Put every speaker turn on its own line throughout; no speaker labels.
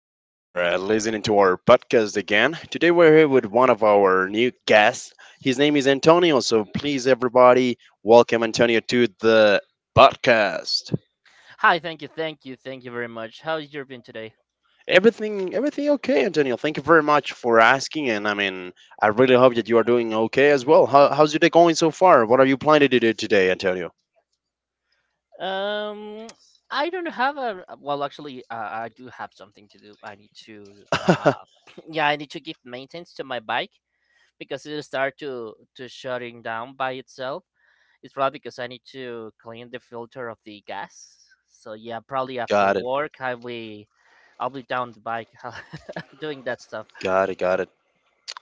for listening to our podcast again. Today, we're here with one of our new guests. His name is Antonio. So, please, everybody, welcome Antonio to the podcast.
Hi, thank you, thank you, thank you very much. How's your been today?
Everything okay, Antonio? Thank you very much for asking. And I mean, I really hope that you are doing okay as well. How's your day going so far? What are you planning to do today, Antonio?
Um, I don't have a well. Actually, I do have something to do. I need to, yeah, I need to give maintenance to my bike because it'll start to shutting down by itself. It's probably because I need to clean the filter of the gas. So yeah, probably after
Got it.
work, I'll be down the bike doing that stuff.
Got it. Got it.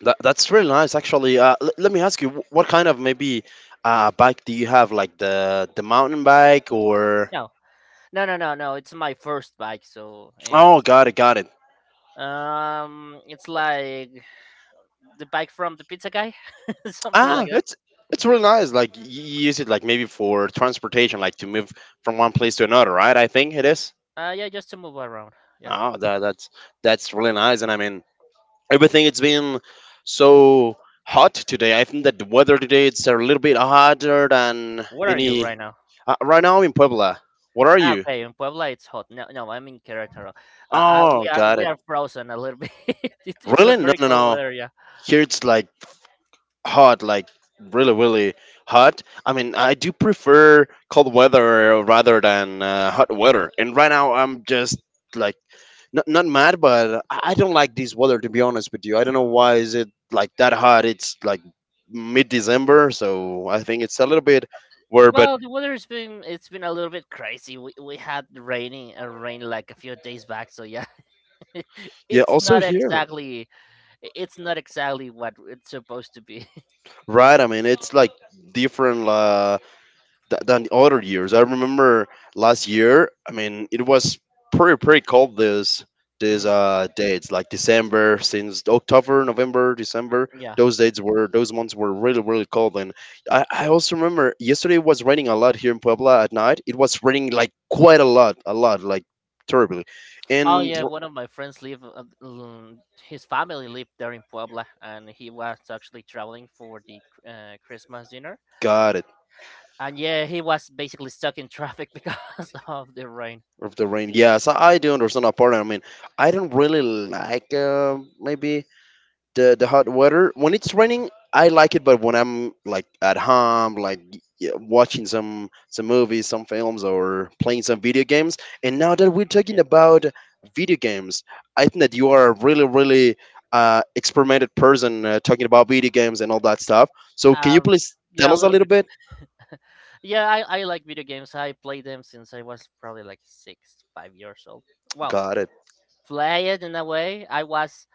That's really nice, actually. Let me ask you, what kind of maybe bike do you have? Like the mountain bike or?
No, no, no, no, no. It's my first bike, so
Oh,
it's
got it, got it.
Um, it's like the bike from the pizza guy, something like
Ah,
that.
it's really nice. Like you use it like maybe for transportation, like to move from one place to another, right? I think it is.
Yeah, just to move around. Yeah.
Oh, that's that's really nice. And I mean, everything it's been so hot today. I think that the weather today it's a little bit hotter than
Where are you
any.
right now?
Right now I'm in Puebla. What are
Ah,
you?
okay, in Puebla it's hot. No, no, I'm in Querétaro.
Oh, got
We
it.
are frozen a little bit. It's a
Really? No,
very
no,
cold
no.
weather. Yeah.
Here it's like hot, like really, really hot. I mean, I do prefer cold weather rather than hot weather. And right now, I'm just like not mad, but I don't like this weather. To be honest with you, I don't know
Mm.
why is it like that hot. It's like mid December, so I think it's a little bit weird. But
Well, the weather's been it's been a little bit crazy. We had rain like a few days back. So yeah,
yeah,
it's
also
not
here,
exactly it's not exactly what it's supposed to be.
right? I mean, it's like different. Than other years. I remember last year. I mean, it was pretty cold this this
hmm
uh dates like December since October, November, December.
Yeah.
Those months were really cold. And I also remember yesterday it was raining a lot here in Puebla at night. It was raining like quite a lot like terribly.
Oh
And
yeah, one of my friends his family lived there in Puebla, and he was actually traveling for the Christmas dinner.
got it.
And yeah, he was basically stuck in traffic because of the rain.
Of the rain, yes, I do understand that part. I mean, I don't really like maybe the hot weather. When it's raining
Mhm.
I like it, but when I'm like at home like watching some movies, some films, or playing some video games. And now that we're talking
Yeah,
about video games, I think that you are a really experimented person talking about video games and all that stuff, so can you
um,
please tell
yeah, a
us a
little
little
bit.
bit.
Yeah, I like video games. I play them since I was probably like 5 years old. Well,
Got it.
play it in a way. I was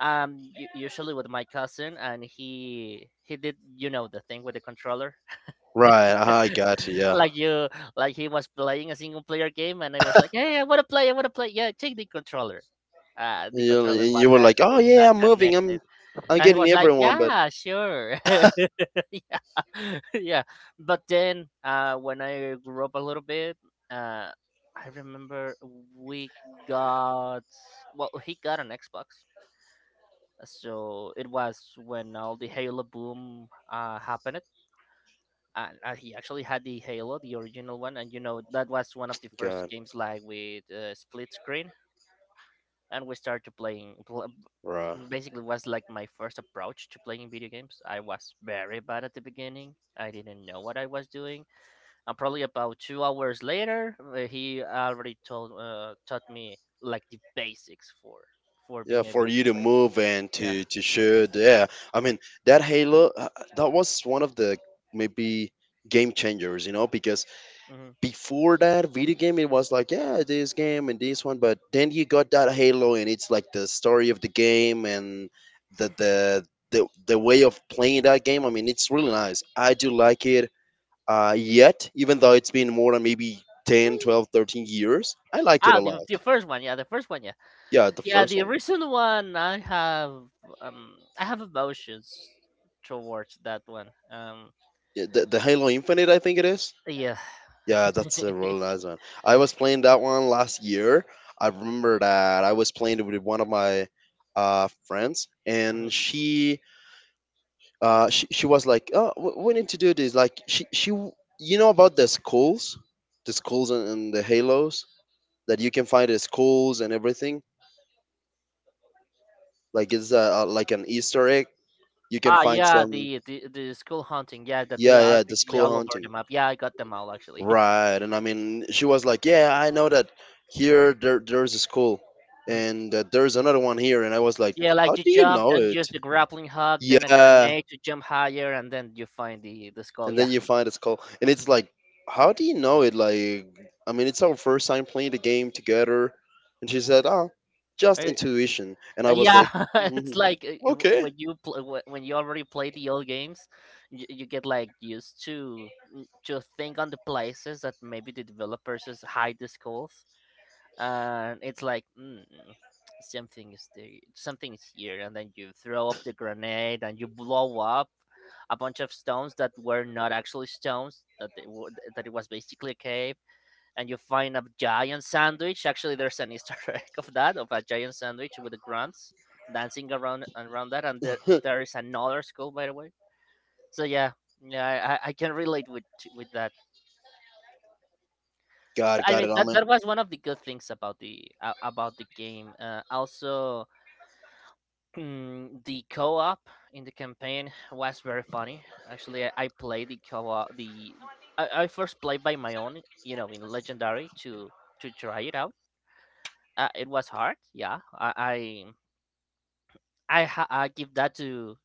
usually with my cousin, and he did you know the thing with the controller.
Right. Uh-huh, I got you. Yeah,
Like you like he was playing a single player game and I was like, "Hey, I wanna play, I wanna play." Yeah, take the controller. Uh, the
you,
controller
and
was
you were like, oh
actually
yeah,
not
I'm moving, i'm
connected.
i'm
And he
getting
was like,
everyone but
"Yeah, sure." Yeah. Yeah. But then when I grew up a little bit, uh I remember we got well he got an Xbox. So it was when all the Halo boom happened and he actually had the Halo, the original one, and you know that was one of the first
god.
games like with split screen, and we started playing.
Right.
Basically, was like my first approach to playing video games. I was very bad at the beginning. I didn't know what I was doing, and probably about 2 hours later, he already told taught me like the basics for
Yeah,
being
for
able to
you to
play.
move and
Yeah.
to shoot. Yeah, I mean that Halo that was one of the maybe game changers, you know, because
hmm
before that video game it was like, yeah, this game and this one, but then you got that Halo and it's like the story of the game and the the the way of playing that game. I mean, it's really nice, I do like it. Yet, even though it's been more than maybe 10, 12, 13 years, I like it a
Ah,
lot.
the first one, yeah, the first one, yeah.
Yeah, the
Yeah,
first
the
one.
recent one I have emotions towards that one. Um,
Yeah, the halo Infinite, I think it is.
yeah.
Yeah, that's a really nice one. I was playing that one last year. I remember that I was playing it with one of my friends,
Mhm.
and she, she was like, "Oh, we need to do this." Like you know about the skulls and the halos, that you can find the skulls and everything. Like it's like an Easter egg. You can
Ah
find
yeah,
some.
the school haunting, yeah, that they
Yeah,
are
yeah, the
basically
skull
all over the
hunting.
map. Yeah, I got them all actually.
Right, and I mean, she was like, "Yeah, I know that here there's a school,
Mhm.
and that there's another one here." And I was like,
Yeah,
"How
like you
do you
jump,
know
then
it?"
use the grappling hook, then a
Yeah,
grenade to jump higher and then you find the skull.
and then
Yeah.
you find a school, and it's like, "How do you know it?" Like, I mean, it's our first time playing the game together, and she said, "Oh, just
I
intuition," and I was
Yeah,
like,
it's
"Mhm,
like
okay,
when you already play the old games, you get like used to to think on the places that maybe the developers just hide the skulls, and it's like something is there, something is here, and then you throw up the grenade and you blow up a bunch of stones that were not actually stones that they were, that it was basically a cave, and you find a giant sandwich. Actually, there's an Easter egg of that of a giant sandwich with the grunts dancing around that, and there is another school by the way. So yeah, yeah, I can relate with that.
got it,
I
got
mean
it." I'm in.
that was one of the good things about the game. Also, the co-op in the campaign was very funny. Actually, I played the co-op the I first played by my own, you know, in legendary to try it out. It was hard. I give that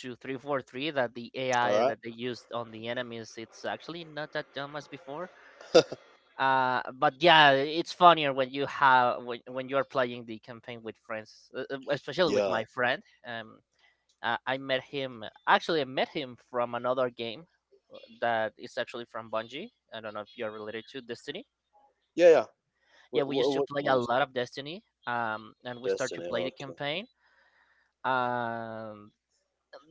to 343 that the
All
AI
right.
that they used on the enemies it's actually not that dumb as before. But yeah, it's funnier when you have when you're playing the campaign with friends, especially with
Yeah,
my friend. I met him from another game that is actually from Bungie. I don't know if you're related to Destiny.
yeah, yeah.
Yeah, we used to
What
play a
one is
lot of Destiny. And we start to
Destiny?
play the
Okay.
campaign. um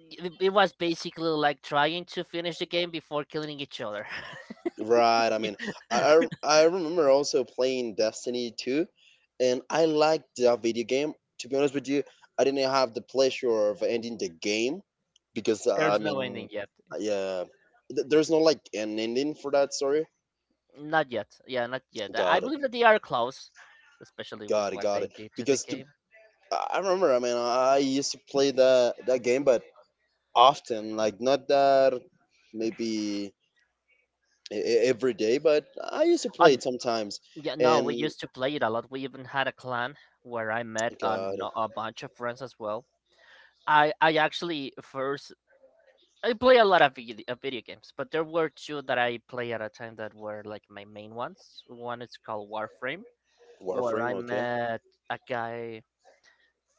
it, it was basically like trying to finish the game before killing each other.
Right. I mean, I remember also playing Destiny 2, and I liked that video game. To be honest with you, I didn't have the pleasure of ending the game because I
There's no
mean,
ending yet,
yeah, there's no like an ending for that story.
not yet, yeah, not yet. I
Got it.
believe that they are close, especially with
Got it.
what
Got
they
it.
did to the
Because to,
game.
I remember. I mean, I used to play that game, but often, like not that maybe every day, but I used to play it
On
sometimes.
Yeah, no, we
And
used to play it a lot. We even had a clan where I met a,
God.
no- a bunch of friends as well. I actually first I play a lot of video games, but there were two that I play at a time that were like my main ones. One is called Warframe, where
Warframe,
I
okay.
met a guy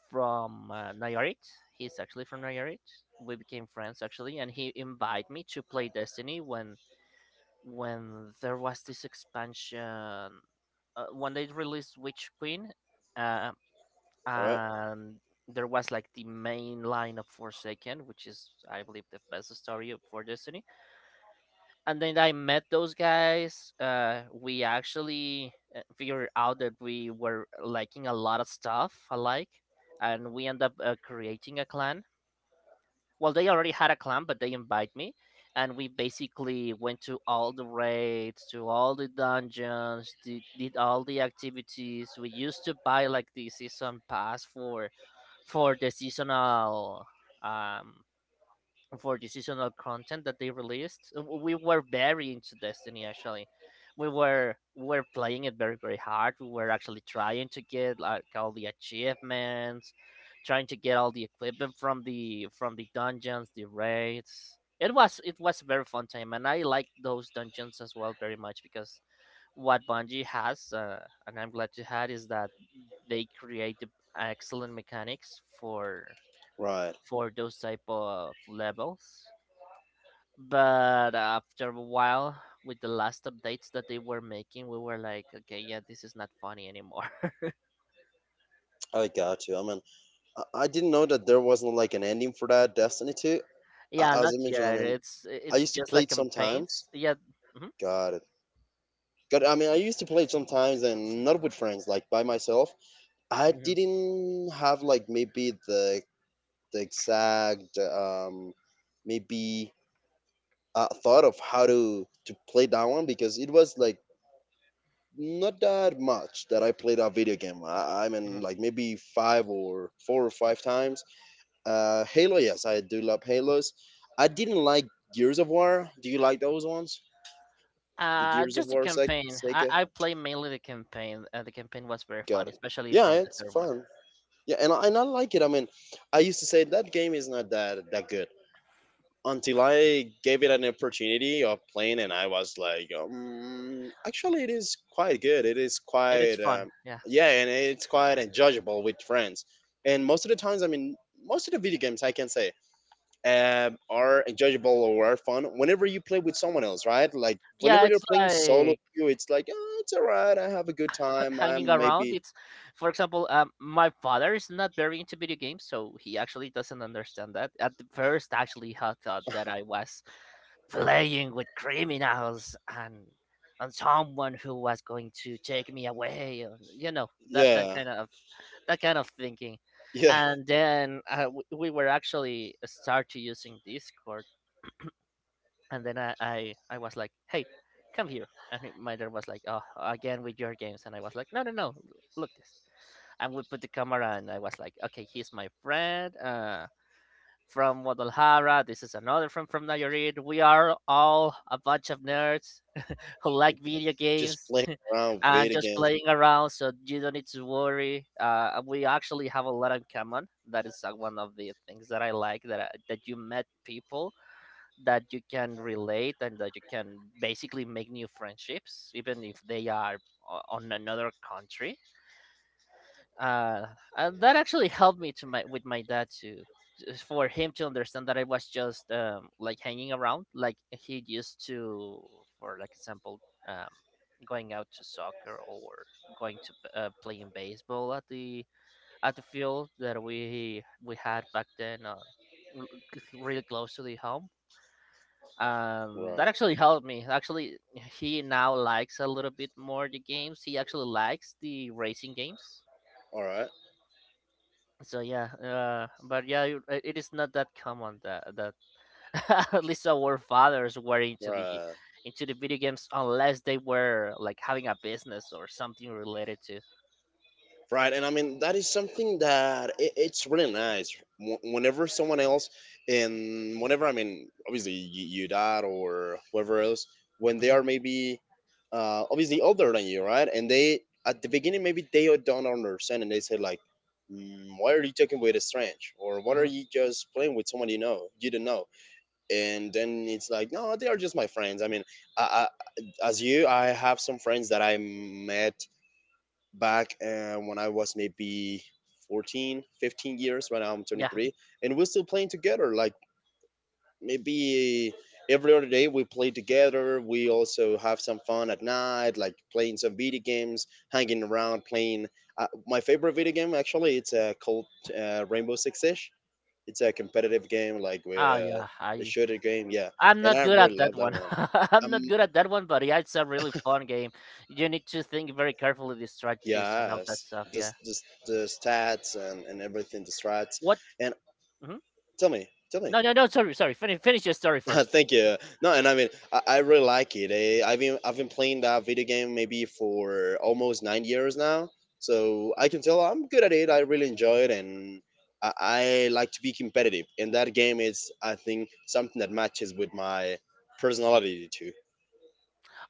from Nayarit. He's actually from Nayarit. We became friends actually, and he invited me to play Destiny when there was this expansion, when they released Witch Queen, uh,
Alright.
and there was like the main line of Forsaken, which is I believe the best story for Destiny, and then I met those guys. We actually figured out that we were liking a lot of stuff alike, and we end up creating a clan. Well, they already had a clan, but they invite me, and we basically went to all the raids, to all the dungeons, did all the activities. We used to buy like the season pass for the seasonal um content that they released. We were very into Destiny actually. We were playing it very very hard. We were actually trying to get like all the achievements, trying to get all the equipment from the dungeons, the raids. It was a very fun time, and I like those dungeons as well very much because what Bungie has, and I'm glad to have, is that they create excellent mechanics for
Right.
those type of levels, but after a while with the last updates that they were making, we were like, okay, yeah, this is not funny anymore.
I got you. I mean, I didn't know that there wasn't like an ending for that Destiny 2. A-
Yeah,
As
not
I mentioned, I
yet.
mean,
it's
I
it's
used to
just
play
like
it sometimes.
campaigns, yeah. hmm
Got it. Got it. I mean, I used to play it sometimes and not with friends, like by myself. I
hmm
didn't have like maybe the exact maybe thought of how to play that one, because it was like not that much that I played that video game. I mean,
hmm
like maybe five or four or five times. Halo, yes, I do love Halos. I didn't like Gears of War. Do you like those ones? The Gears of
just the
War
campaign.
Sega?
I play mainly the campaign. Uh, the campaign was very
Got
fun,
it.
especially
Yeah,
from the
it's
third one.
fun. Yeah, and I like it. I mean, I used to say that game is not that good, until I gave it an opportunity of playing, and I was like, actually, it is quite good. It is
It
quite,
is fun, yeah.
yeah, and it's quite enjoyable with friends. And most of the times, I mean, most of the video games I can say are enjoyable or are fun whenever you play with someone else, right? Like
Yeah,
whenever you're
it's
playing solo,
like
you it's like, oh, it's alright. I have a good time.
hanging
I'm
around.
maybe,
It's, for example, my father is not very into video games, so he actually doesn't understand that. At the first, actually, he thought that I was playing with criminals and someone who was going to take me away, and, you know that that
yeah,
kind of thinking.
yeah,
And then we were actually start to using Discord, and then I was like, "Hey, come here." And my dad was like, "Oh, again with your games." And I was like, "No, no, no. Look this." And we put the camera, and I was like, "Okay, he's my friend from Guadalajara. This is another friend from Nayarit. We are all a bunch of nerds who like video
just
games."
playing around with
And
video
just
games.
playing around, so you don't need to worry. We actually have a lot in common. That is one of the things that I like, that you met people that you can relate and that you can basically make new friendships, even if they are on another country. Uh, and that actually helped me to my with my dad to just for him to understand that I was just like hanging around, like he used to, for example, um, going out to soccer or going to playing baseball at the field that we had back then on really close to the home.
Right.
That actually helped me actually. He now likes a little bit more the games. He actually likes the racing games.
All right.
So yeah, but yeah, it is not that common that at least our fathers were into the
Right.
video games, unless they were like having a business or something related to.
Right, and I mean that is something that I it's really nice. Whenever someone else, and whenever I mean, obviously your dad or whoever else, when they
Hmm
are maybe obviously older than you, right, and they at the beginning maybe they don't understand, and they say like, mm, "Why are you talking with a strange?" or "what are
hmm
you just playing with someone you know you don't know?" And then it's like, "No, they are just my friends." I mean, I, I, as you, I have some friends that I met back when I was maybe 14, 15 years. Right now I'm
yeah,
23, and we're still playing together. Like maybe every other day we play together. We also have some fun at night, like playing some video games, hanging around, playing. My favorite video game actually it's called Rainbow Six Siege. It's a competitive game, like
ah yeah,
a shooter game. Yeah,
I'm
and
not
I
good at
really
that
love that
one.
one.
I'm not
Um,
good at that one, but yeah, it's a really fun game. You need to think very carefully the strategies and all that
yes,
stuff, yeah.
just the stats and everything, the strats.
What?
And
Hmm
tell me, tell me.
No, no, no. Sorry, sorry. Finish, finish your story first.
Thank you. No, and I mean, I really like it. Eh, I've been playing that video game maybe for almost 9 years now, so I can tell I'm good at it. I really enjoy it, and I like to be competitive. And that game is, I think, something that matches with my personality too.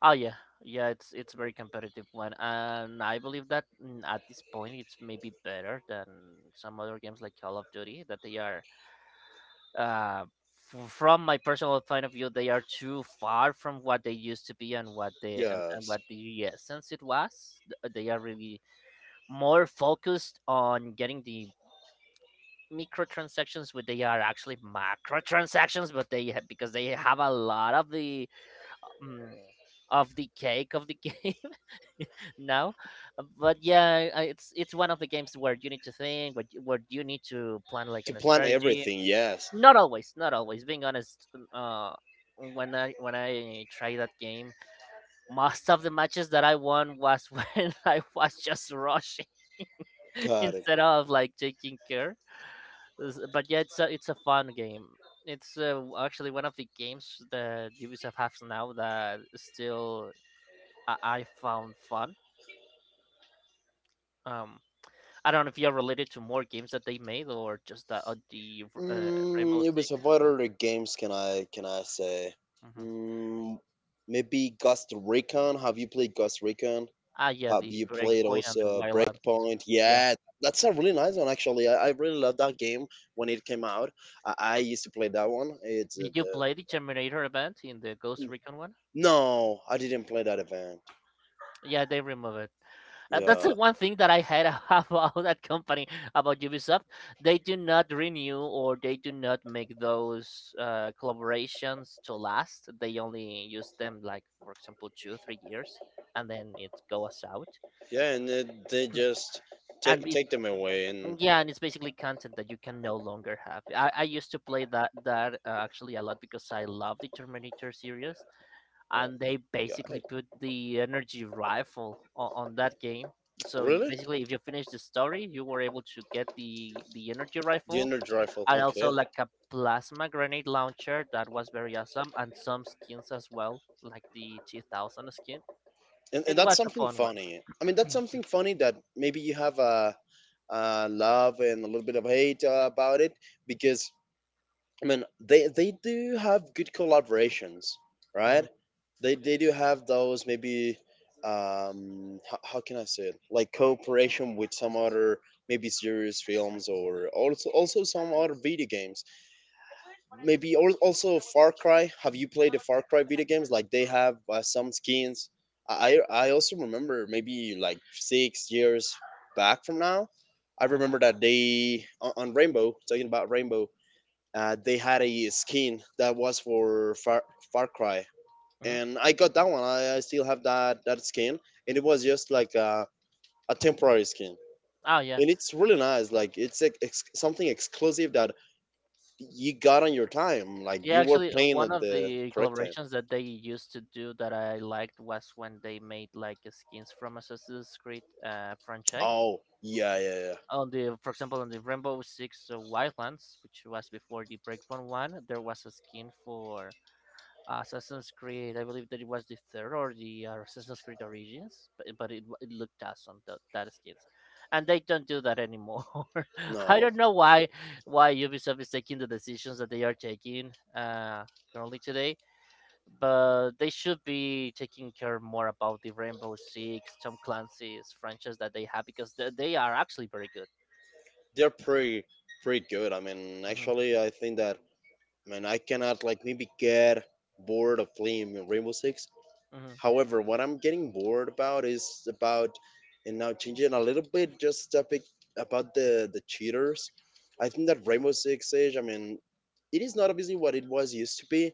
Oh yeah, yeah. It's a very competitive one, and I believe that at this point it's maybe better than some other games like Call of Duty that they are. Uh, from my personal point of view, they are too far from what they used to be and what they and
Yes,
what the essence it was. They are really more focused on getting the microtransactions where they are actually macrotransactions but they because they have a lot of the mm, of the cake of the game now but yeah, it's one of the games where you need to think but where you need to plan like
to
in a
plan
strategy.
everything. Yes,
Not always, not always being honest, when I tried that game most of the matches that I won was when I was just rushing
got it.
instead of like taking care. But yeah, it's a fun game. It's actually one of the games that Ubisoft has now that still I found fun. Um, I don't know if you're related to more games that they made or just the Rainbow
Mm, it
6.
was what other games can I say?
Hmm.
Mm, maybe Ghost Recon. Have you played Ghost Recon?
Ah, yeah,
Have
the
you played
Breakpoint and the
also
Wildlands.
Breakpoint?
Yeah.
Yeah, that's a really nice one actually. I really love that game when it came out. I used to play that one. It's uh,
Did you
the
play the Terminator event in the Ghost Recon one?
no, I didn't play that event.
Yeah, they removed it. That's
Yeah,
the one thing that I had about that company, about Ubisoft. They do not renew or they do not make those collaborations to last. They only use them, like, for example, two, 3 years, and then it goes out.
yeah, and they just
And
take
it,
take them away and
yeah, and it's basically content that you can no longer have. I used to play that actually a lot because I love the Terminator series,
well,
and they
got
basically
it.
put the energy rifle on that game, so you
Really,
basically, if you finish the story, you were able to get the energy
the
rifle,
energy rifle.
and also
Okay,
like a plasma grenade launcher that was very awesome, and some skins as well, like the 2000 skin.
and
It
that's
was a
something
fun one.
funny. I mean, that's something funny that maybe you have a. Love and a little bit of hate about it because I mean, they do have good collaborations, right?
Hmm.
They do have those maybe how can I say it? Like cooperation with some other maybe series, films, or also also some other video games. Maybe al- also Far Cry. Have you played the Far Cry video games? Like they have some skins. I also remember maybe like 6 years back from now. I remember
Hmm.
that they on Rainbow, talking about Rainbow, they had a skin that was for Far, Far Cry,
Hmm.
and I got that one. I still have that skin, and it was just like a temporary skin,
Oh yeah.
and it's really nice. Like it's something exclusive that you got on your time. Like
Yeah,
you were
actually,
playing
one
at
of
the
the
correct time.
collaborations that they used to do that I liked was when they made like skins from Assassin's Creed franchise.
Oh yeah, yeah, yeah.
On the, for example, on the Rainbow Six Wildlands, which was before the Breakpoint one, there was a skin for Assassin's Creed. I believe that it was the third or the Assassin's Creed Origins, but, it looked awesome, that that skins, and they don't do that anymore. I
No,
don't know why Ubisoft is taking the decisions that they are taking currently today, but they should be taking care more about the Rainbow Six, Tom Clancy's franchise that they have, because they are actually very good.
they're pretty pretty good. I mean,
Hmm.
actually, I think that man, I cannot like maybe get bored of playing Rainbow Six. However, what I'm getting bored about is about, and now changing a little bit, just topic about the cheaters. I think that Rainbow Six Siege, I mean, it is not obviously what it was used to be,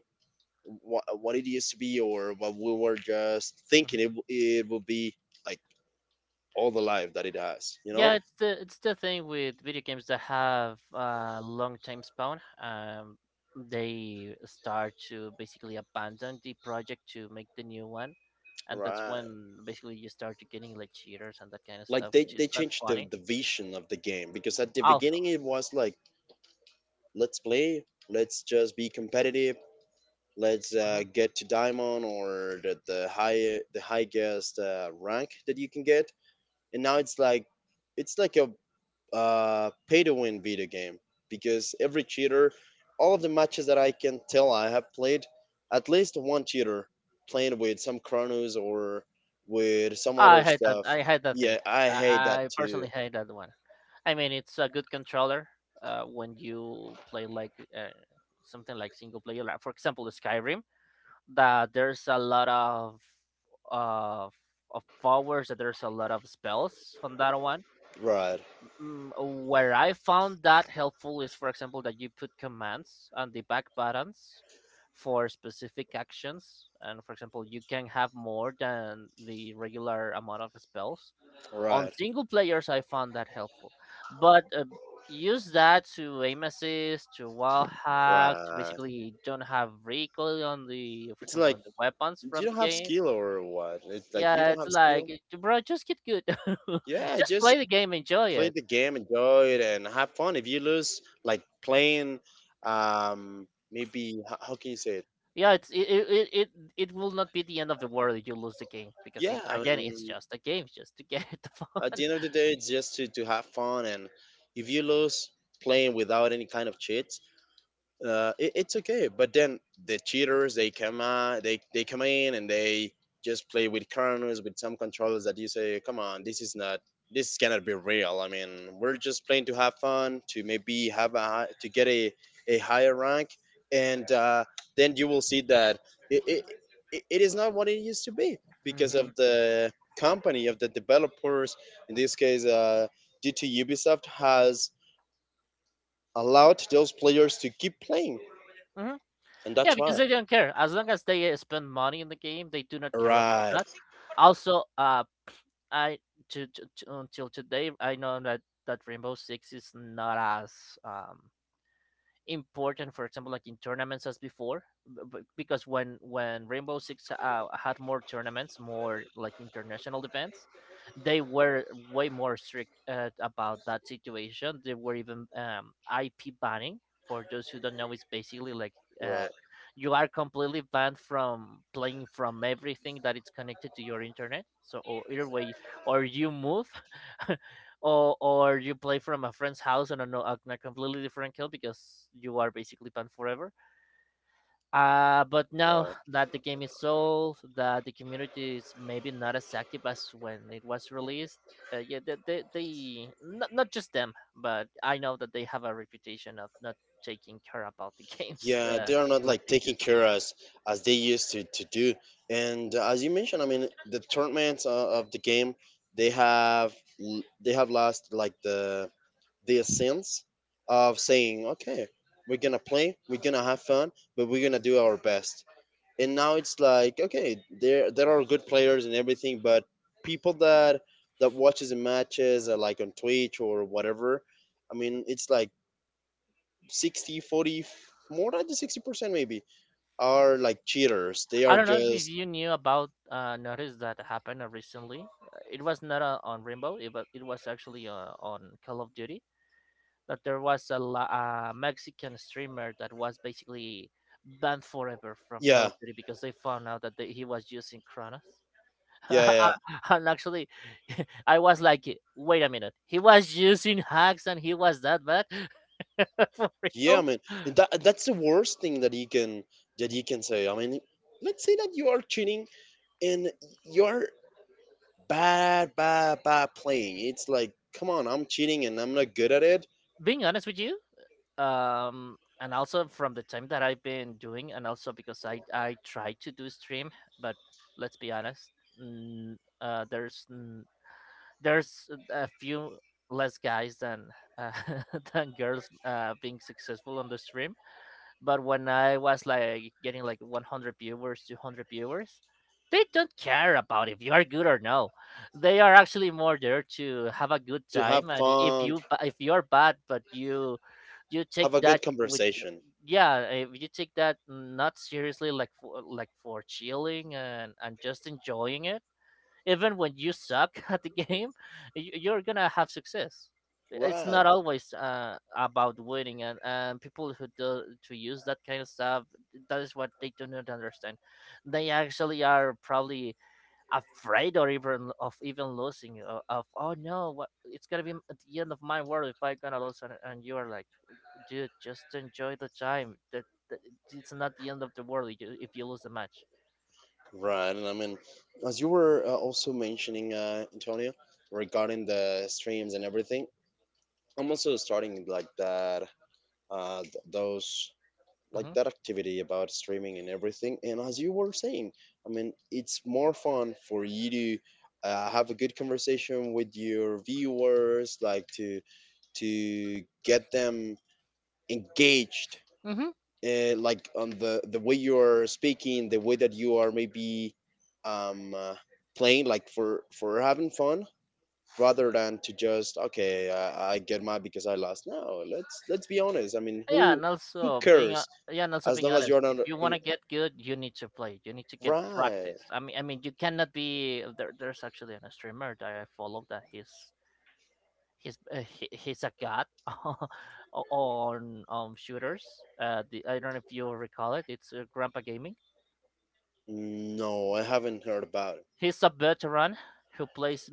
what it used to be, or what we were just
Hmm.
thinking it would be like all the life that it has, you know?
Yeah, it's the thing with video games that have a long time span. They start to basically abandon the project to make the new one, and that's
Right.
when basically you start to getting like cheaters and that kind of
Like
stuff,
they
which is
they
not
changed the
funny.
the vision of the game because at the
Also.
beginning it was like let's play, let's just be competitive, let's
Hmm.
get to diamond or the highest rank that you can get. And now it's like a pay to win video game because every cheater, all of the matches that I can tell I have played at least one cheater playing with some chronos or with some
I
other
hate that.
stuff.
I hate that thing.
Yeah, I
I,
hate that
I
too.
personally hate that one. I mean, it's a good controller when you play like something like single player, like for example, Skyrim, that there's a lot uh of powers, that there's a lot of spells on that one.
right
Mm, where I found that helpful is, for example, that you put commands on the back buttons for specific actions, and for example, you can have more than the regular amount of spells on
right
single players. I found that helpful, but use that to aim assist, to wall hack, to
right
basically don't have recoil on the, for
It's
example on
like
the weapons from
you
the
don't have
game.
skill or what. It's like you
Yeah,
don't
it's
have
like,
skill.
Bro, just get good."
Yeah,
Just
just
play the game, enjoy
play
it.
the game, enjoy it, and have fun. If you lose, like playing, maybe how can you say it?
Yeah, it it will not be the end of the world if you lose the game, because it,
Yeah, I
again, it's
mean,
just a game, just to get the
at
fun.
the end of the day, it's just to have fun. And if you lose playing without any kind of cheat, it's okay. But then the cheaters they come out, they come in and they just play with kernels with some controllers that you say, come on, this is not, this cannot be real. I mean, we're just playing to have fun, to maybe have a to get a higher rank, and then you will see that it, it it is not what it used to be because
Hmm.
of the company of the developers. In this case, due to Ubisoft has allowed those players to keep playing,
Hmm.
and
Yeah,
that's
because
why.
they don't care, as long as they spend money in the game, they do not care about
Right,
that. Also, I until today, I know that that Rainbow Six is not as um important, for example, like in tournaments as before, because when Rainbow Six had more tournaments, more like international events, they were way more strict about that situation. They were even IP banning. For those who don't know, it's basically like, uh,
right,
you are completely banned from playing, from everything that is connected to your internet, so or either way, or you move, or you play from a friend's house on a, on a completely different kill, because you are basically banned forever. But now
right.
that the game is sold, that the community is maybe not as active as when it was released. Yeah, they, they, not, not just them, but I know that they have a reputation of not taking care about the games
Yeah, they are not
like
like
they
taking
used to.
care as they used to do. And as you mentioned, I mean, the tournaments of the game, they have they have lost like the sense of saying, okay, we're gonna play, we're gonna have fun, but we're gonna do our best. And now it's like, okay, there are good players and everything, but people that that watches the matches like on Twitch or whatever, I mean, it's like 60, 40, more than the 60% maybe are like cheaters. They
I
are
don't know if
just
you knew about notice that happened recently. It was not on Rainbow, it was actually on Call of Duty, that there was a, a Mexican streamer that was basically banned forever from Call
yeah
of Duty because they found out that he was using Kronos.
yeah yeah
And actually, I was like, wait a minute, he was using hacks and he was that bad? For
yeah. I
real.
mean, and that's the worst thing that you can say. I mean, let's say that you are cheating and you're bad bad bad playing. It's like, come on, I'm cheating and I'm not good at it.
Being honest with you, and also from the time that I've been doing, and also because I tried to do stream, but let's be honest, there's there's a few less guys than uh, than girls being successful on the stream. But when I was like getting like 100 viewers, 200 viewers, they don't care about if you are good or no. They are actually more there to have a good
To have
time. And
fun,
if you are bad, but you
have
take
a good
that with,
conversation.
yeah, if you take that not seriously, like for chilling, and just enjoying it, even when you suck at the game, you're gonna have success. It's
Right.
not always about winning, and people who do to use that kind of stuff, that is what they do not understand. They actually are probably afraid or even of even losing, of, oh no, what it's gonna be, at the end of my world if I gonna lose. And you are like, dude, just enjoy the time that, that, it's not the end of the world if you, if you lose the match.
Right, and I mean, as you were also mentioning, Antonio, regarding the streams and everything, I'm also starting like that, those like
Mm-hmm.
that activity about streaming and everything. And as you were saying, I mean, it's more fun for you to have a good conversation with your viewers, like to get them engaged,
Mm-hmm.
like on the way you are speaking, the way that you are maybe um, uh, playing, like for having fun rather than to just okay. I get mad because I lost. No, let's be honest. I mean,
Yeah, and
who
also being
cares
yeah, and also
as
being
long as
honest,
you're not
if you want
in.
to get good, you need to play. You need to get
Right.
practice. I mean, you cannot be there. There's actually a streamer that I follow that he's a god. On shooters. The I don't know if you recall it. It's Grandpa Gaming.
No, I haven't heard about it.
He's a veteran who plays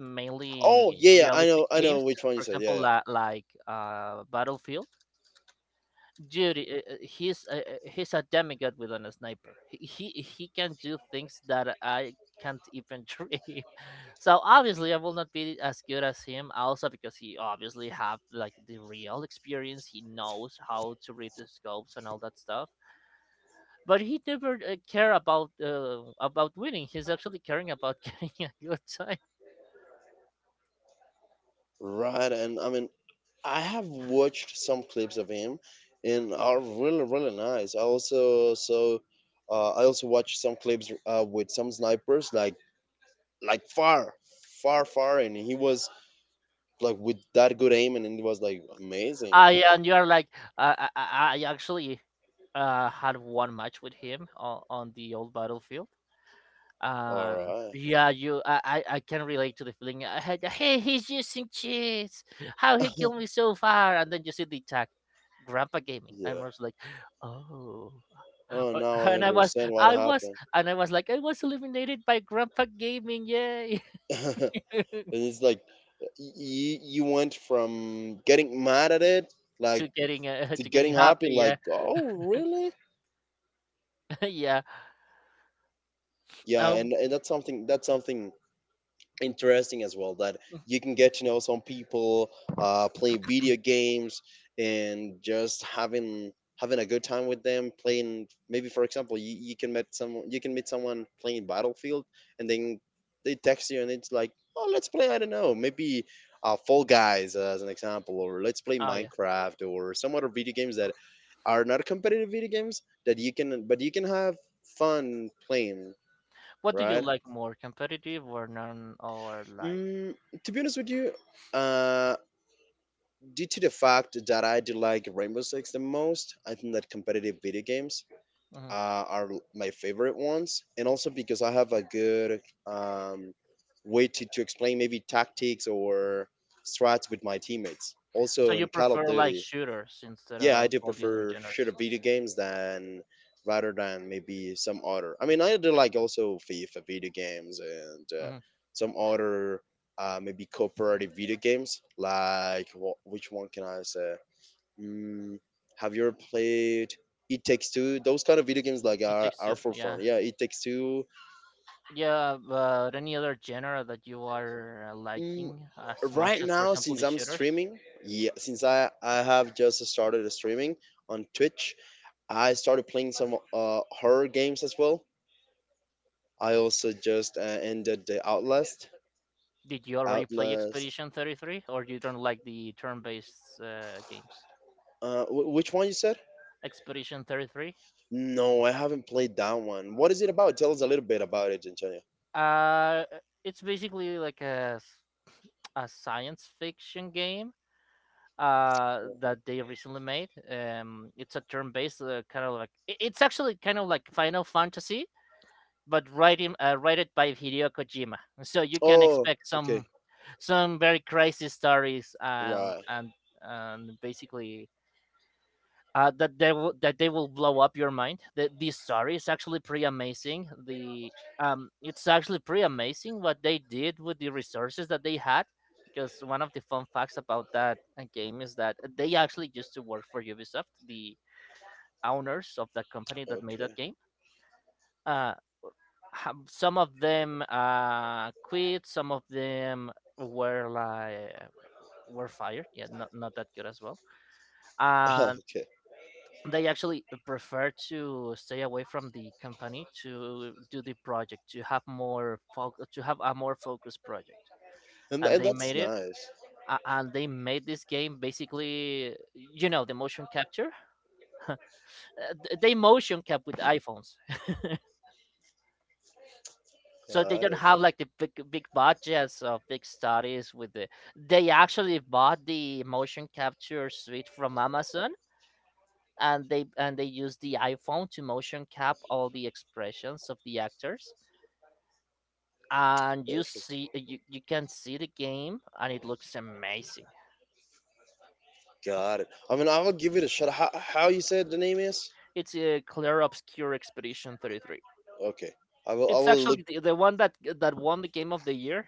Oh
mainly
yeah, yeah, I
realistic
know, I know
games.
which one you
For
said,
example,
yeah, yeah.
like Battlefield. Dude, he's a demigod with a sniper. He can do things that I can't even dream. So obviously, I will not be as good as him. Also, because he obviously have like the real experience. He knows how to read the scopes and all that stuff. But he never care about winning. He's actually caring about getting a good time.
Right, and I mean, I have watched some clips of him and are really really nice. I also so, I also watched some clips with some snipers like far far far, and he was like with that good aim, and it was like amazing.
I and you are like I actually had one match with him on the old Battlefield.
All
Yeah, you, I can relate to the feeling. I had, hey, he's using cheats. How
right.
he killed me so far, and then you see the tag, Grandpa Gaming, and
Yeah.
I was like, oh.
Oh, now I
And
understand what happened.
I was like, I was eliminated by Grandpa Gaming, yay!
And it's like you went from getting mad at it, like,
To getting,
to
to getting
getting happy,
happy,
like
yeah.
oh really?
Yeah.
Yeah,
Um,
and that's something, that's something interesting as well, that
mm,
you can get to know some people playing video games and just having having a good time with them playing, maybe for example you, you can meet some, you can meet someone playing battlefield, and then they text you and it's like, oh let's play, I don't know, maybe fall guys as an example, or let's play
oh yeah.
minecraft or some other video games that are not competitive video games, that you can, but you can have fun playing.
What do you
Right.
like more, competitive or non, or like?
Mm, to be honest with you, uh, due to the fact that I do like Rainbow Six the most, I think that competitive video games
Mhm.
are my favorite ones, and also because I have a good um, way to explain maybe tactics or strats with my teammates.
So
Also
you
in Call of
prefer like
Duty,
shooters instead
yeah, I
of
do
all the other
prefer shooter
genres?
video games than rather than maybe some other. I mean, I do like also FIFA video games and
Mm-hmm.
some other maybe cooperative video games. Like which one can I say? Mm, have you ever played It Takes Two? Those kind of video games like
It takes two.
are for
Yeah.
fun. Yeah, It Takes Two.
Yeah, but any other genre that you are
Mm,
liking as much
right
as, for
now,
example, the
since I'm
shooters?
streaming, yeah, since I have just started streaming on Twitch. I started playing some horror games as well. I also just ended the Outlast.
Did you already play
Outlast.
Expedition 33, or you don't like the turn-based games?
Which one you said?
Expedition 33?
No, I haven't played that one. What is it about? Tell us a little bit about it, Antonio.
Uh, it's basically like a, s- A science fiction game
Yeah.
that they recently made. It's a turn-based kind of like, it's actually kind of like Final Fantasy, but writing him, write by Hideo Kojima. So you can
Oh,
expect some
okay.
very crazy stories and
Right.
and and basically that they will blow up your mind. The story is actually pretty amazing. The It's actually pretty amazing what they did with the resources that they had. Because one of the fun facts about that game is that they actually used to work for Ubisoft, the owners of that company that made that
Okay.
game. Uh, some of them quit. Some of them were like were fired. Yeah, not that good as well. And
Okay.
they actually prefer to stay away from the company to do the project to have more foc to have a more focused project. And
And
they
that's
made it.
nice.
And they made this game basically, the motion capture. They motion cap with iPhones, so they
Got
don't
it.
have like the big budgets or big studies with the. They actually bought the motion capture suite from Amazon, and they use the iphone to motion cap all the expressions of the actors, and
Perfect.
you can see the game and it looks amazing.
Got it. I mean, I will give it a shot. How you said the name is?
It's a clear obscure expedition 33.
Okay. I will. I
It's
will look.
actually the one that won the game of the year.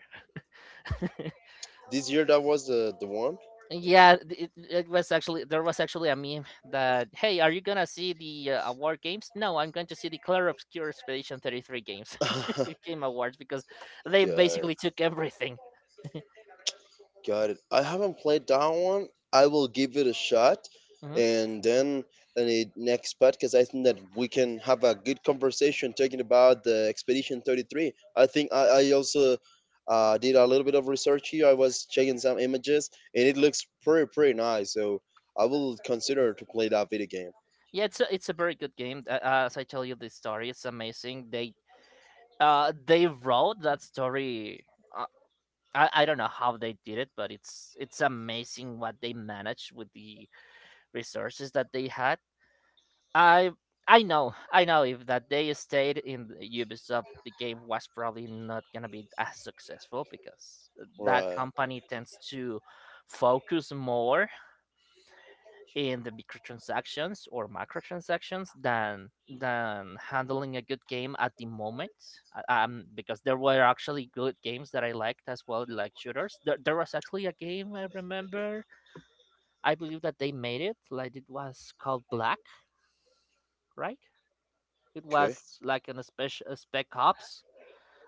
This year that was the one. It's-
Yeah, it was actually, there was actually a meme that, hey, are you gonna see the award games? No, I'm going to see the clear obscure expedition 33 games. Game awards, because they
Good.
basically took everything.
Got it. I haven't played that one. I will give it a shot,
Mhm.
and then in the next podcast, I think that we can have a good conversation talking about the Expedition 33. I think I also did a little bit of research here. I was checking some images, and it looks pretty pretty nice. So I will consider to play that video game.
Yeah, it's a very good game. As I tell you, the story is amazing. They wrote that story. Uh, I don't know how they did it, but it's amazing what they managed with the resources that they had. I I know if that they stayed in the Ubisoft, the game was probably not gonna be as successful, because that
Right.
company tends to focus more in the microtransactions or macrotransactions than handling a good game at the moment. Because there were actually good games that I liked as well, like shooters. There was actually a game I remember, I believe that they made it, like it was called Black. Right, it
Okay.
was like an special spec ops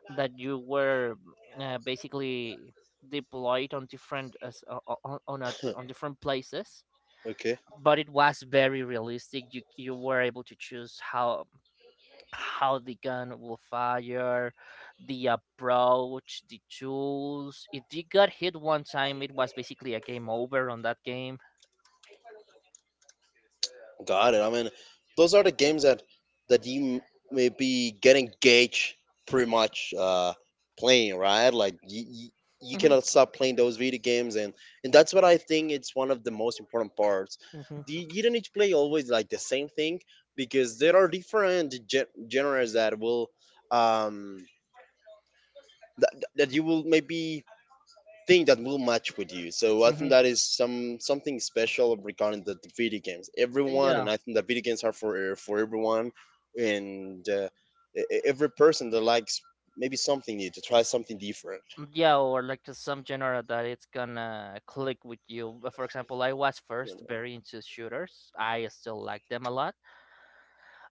that you were basically deployed on different as- o- o- on, a, on different places,
Okay,
but it was very realistic. You were able to choose how the gun will fire, the approach, the tools. If you got hit one time, it was basically a game over on that game.
got it. I mean, those are the games that that you may be getting gauge pretty much playing, right? Like you
Hmm.
cannot stop playing those video games, and that's what I think it's one of the most important parts.
Hmm.
You don't need to play always like the same thing because there are different genres that will um that, that you will maybe thing that will match with you. So I
Hmm.
think that is some something special regarding the video games. Everyone,
Yeah,
and I think that video games are for everyone, and every person that likes maybe something new to try something different.
yeah, or like some genre that it's gonna click with you. But for example, I was
You know,
first very into shooters. I still like them a lot.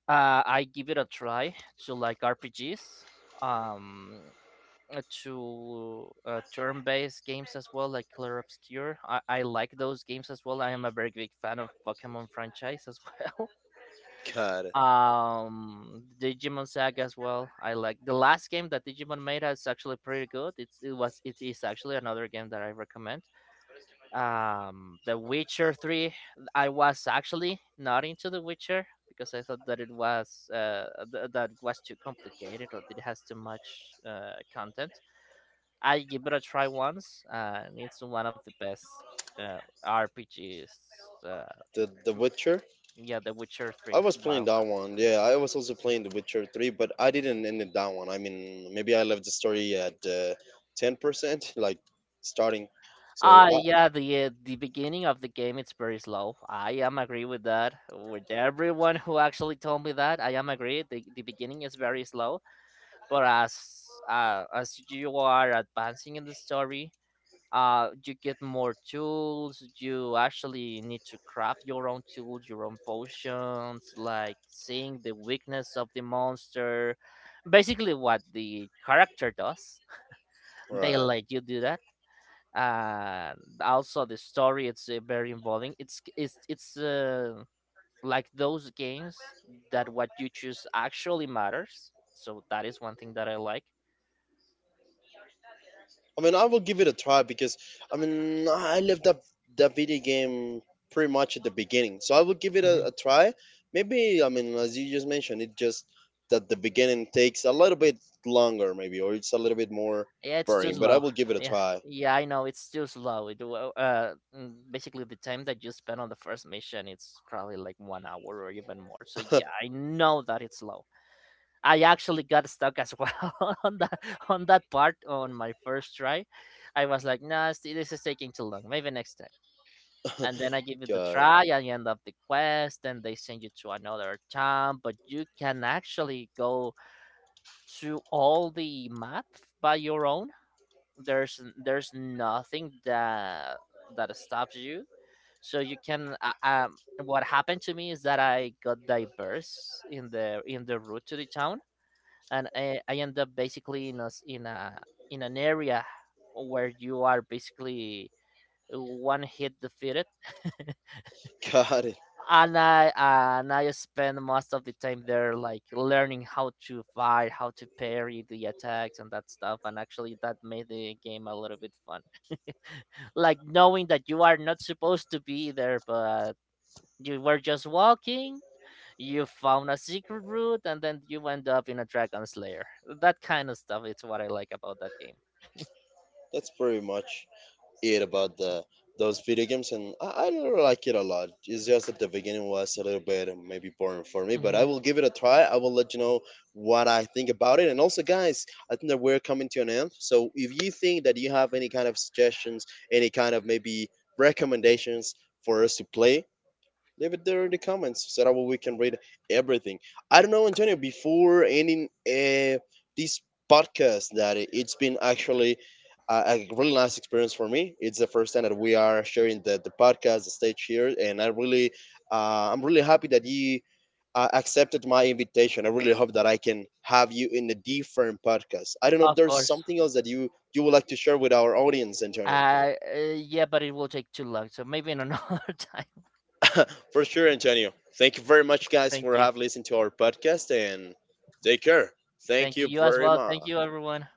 I give it a try to like RPGs. Um, to turn-based games as well, like Clair Obscur. I like those games as well. I am a very big fan of Pokemon franchise as well.
God,
Digimon Saga as well. I like the last game that Digimon made is actually pretty good. It's it was it is actually another game that I recommend. The Witcher Three. I was actually not into The Witcher because I thought that it was that it was too complicated or it has too much content. I give it a try once, and it's one of the best uh, RPGs. Uh,
the Witcher.
yeah, The Witcher
I
Three.
was playing
Wow.
that one. Yeah, I was also playing The Witcher Three, but I didn't end it that one. I mean, maybe I left the story at 10%, like starting. So,
Ah, yeah. The beginning of the game it's very slow. I am agree with that. With everyone who actually told me that, I am agree. The beginning is very slow, but as you are advancing in the story, you get more tools. You actually need to craft your own tools, your own potions, like seeing the weakness of the monster. Basically, what the character does, they
right.
let you do that. And also, the story it's very involving. It's like those games that what you choose actually matters. So that is one thing that I like.
I mean, I will give it a try because I mean, I left that that video game pretty much at the beginning, so I will give it a try. Maybe I mean, as you just mentioned, it just that the beginning takes a little bit longer, maybe, or it's a little bit more
Yeah, it's too
boring. But I
slow.
will give it a
Yeah,
try.
yeah, I know it's too slow. It will, basically the time that you spend on the first mission, it's probably like 1 hour or even more. So yeah, I know that it's slow. I actually got stuck as well on that part on my first try. I was like, nah, this is taking too long. Maybe next time. And then I give it the
God,
try. I end up the quest, and they send you to another town. But you can actually go to all the map by your own. There's nothing that stops you, so you can what happened to me is that I got diverse in the route to the town, and I end up basically in a s- in a in an area where you are basically one hit defeated.
got it.
And I spend most of the time there, like learning how to fight, how to parry the attacks and that stuff. And actually, that made the game a little bit fun, like knowing that you are not supposed to be there, but you were just walking. You found a secret route, and then you end up in a dragon slayer. That kind of stuff is what I like about that game.
That's pretty much it about the those video games, and I really like it a lot. It's just that the beginning was a little bit maybe boring for me, but
Hmm.
I will give it a try. I will let you know what I think about it. And also, guys, I think that we're coming to an end. So if you think that you have any kind of suggestions, any kind of maybe recommendations for us to play, leave it there in the comments so that we can read everything. I don't know, Antonio, before ending this podcast, that it's been actually a really nice experience for me. It's the first time that we are sharing the podcast, the stage here, and I really, I'm really happy that you accepted my invitation. I really hope that I can have you in a different podcast. I don't know if
Of
there's
course.
something else that you would like to share with our audience, Antonio.
Yeah, but it will take too long, so maybe in another time.
For sure, Antonio. Thank you very much, guys,
Thank
for
you.
have listened to our podcast and take care. Thank
Thank you.
you
You as
very
well.
much.
Thank you, everyone.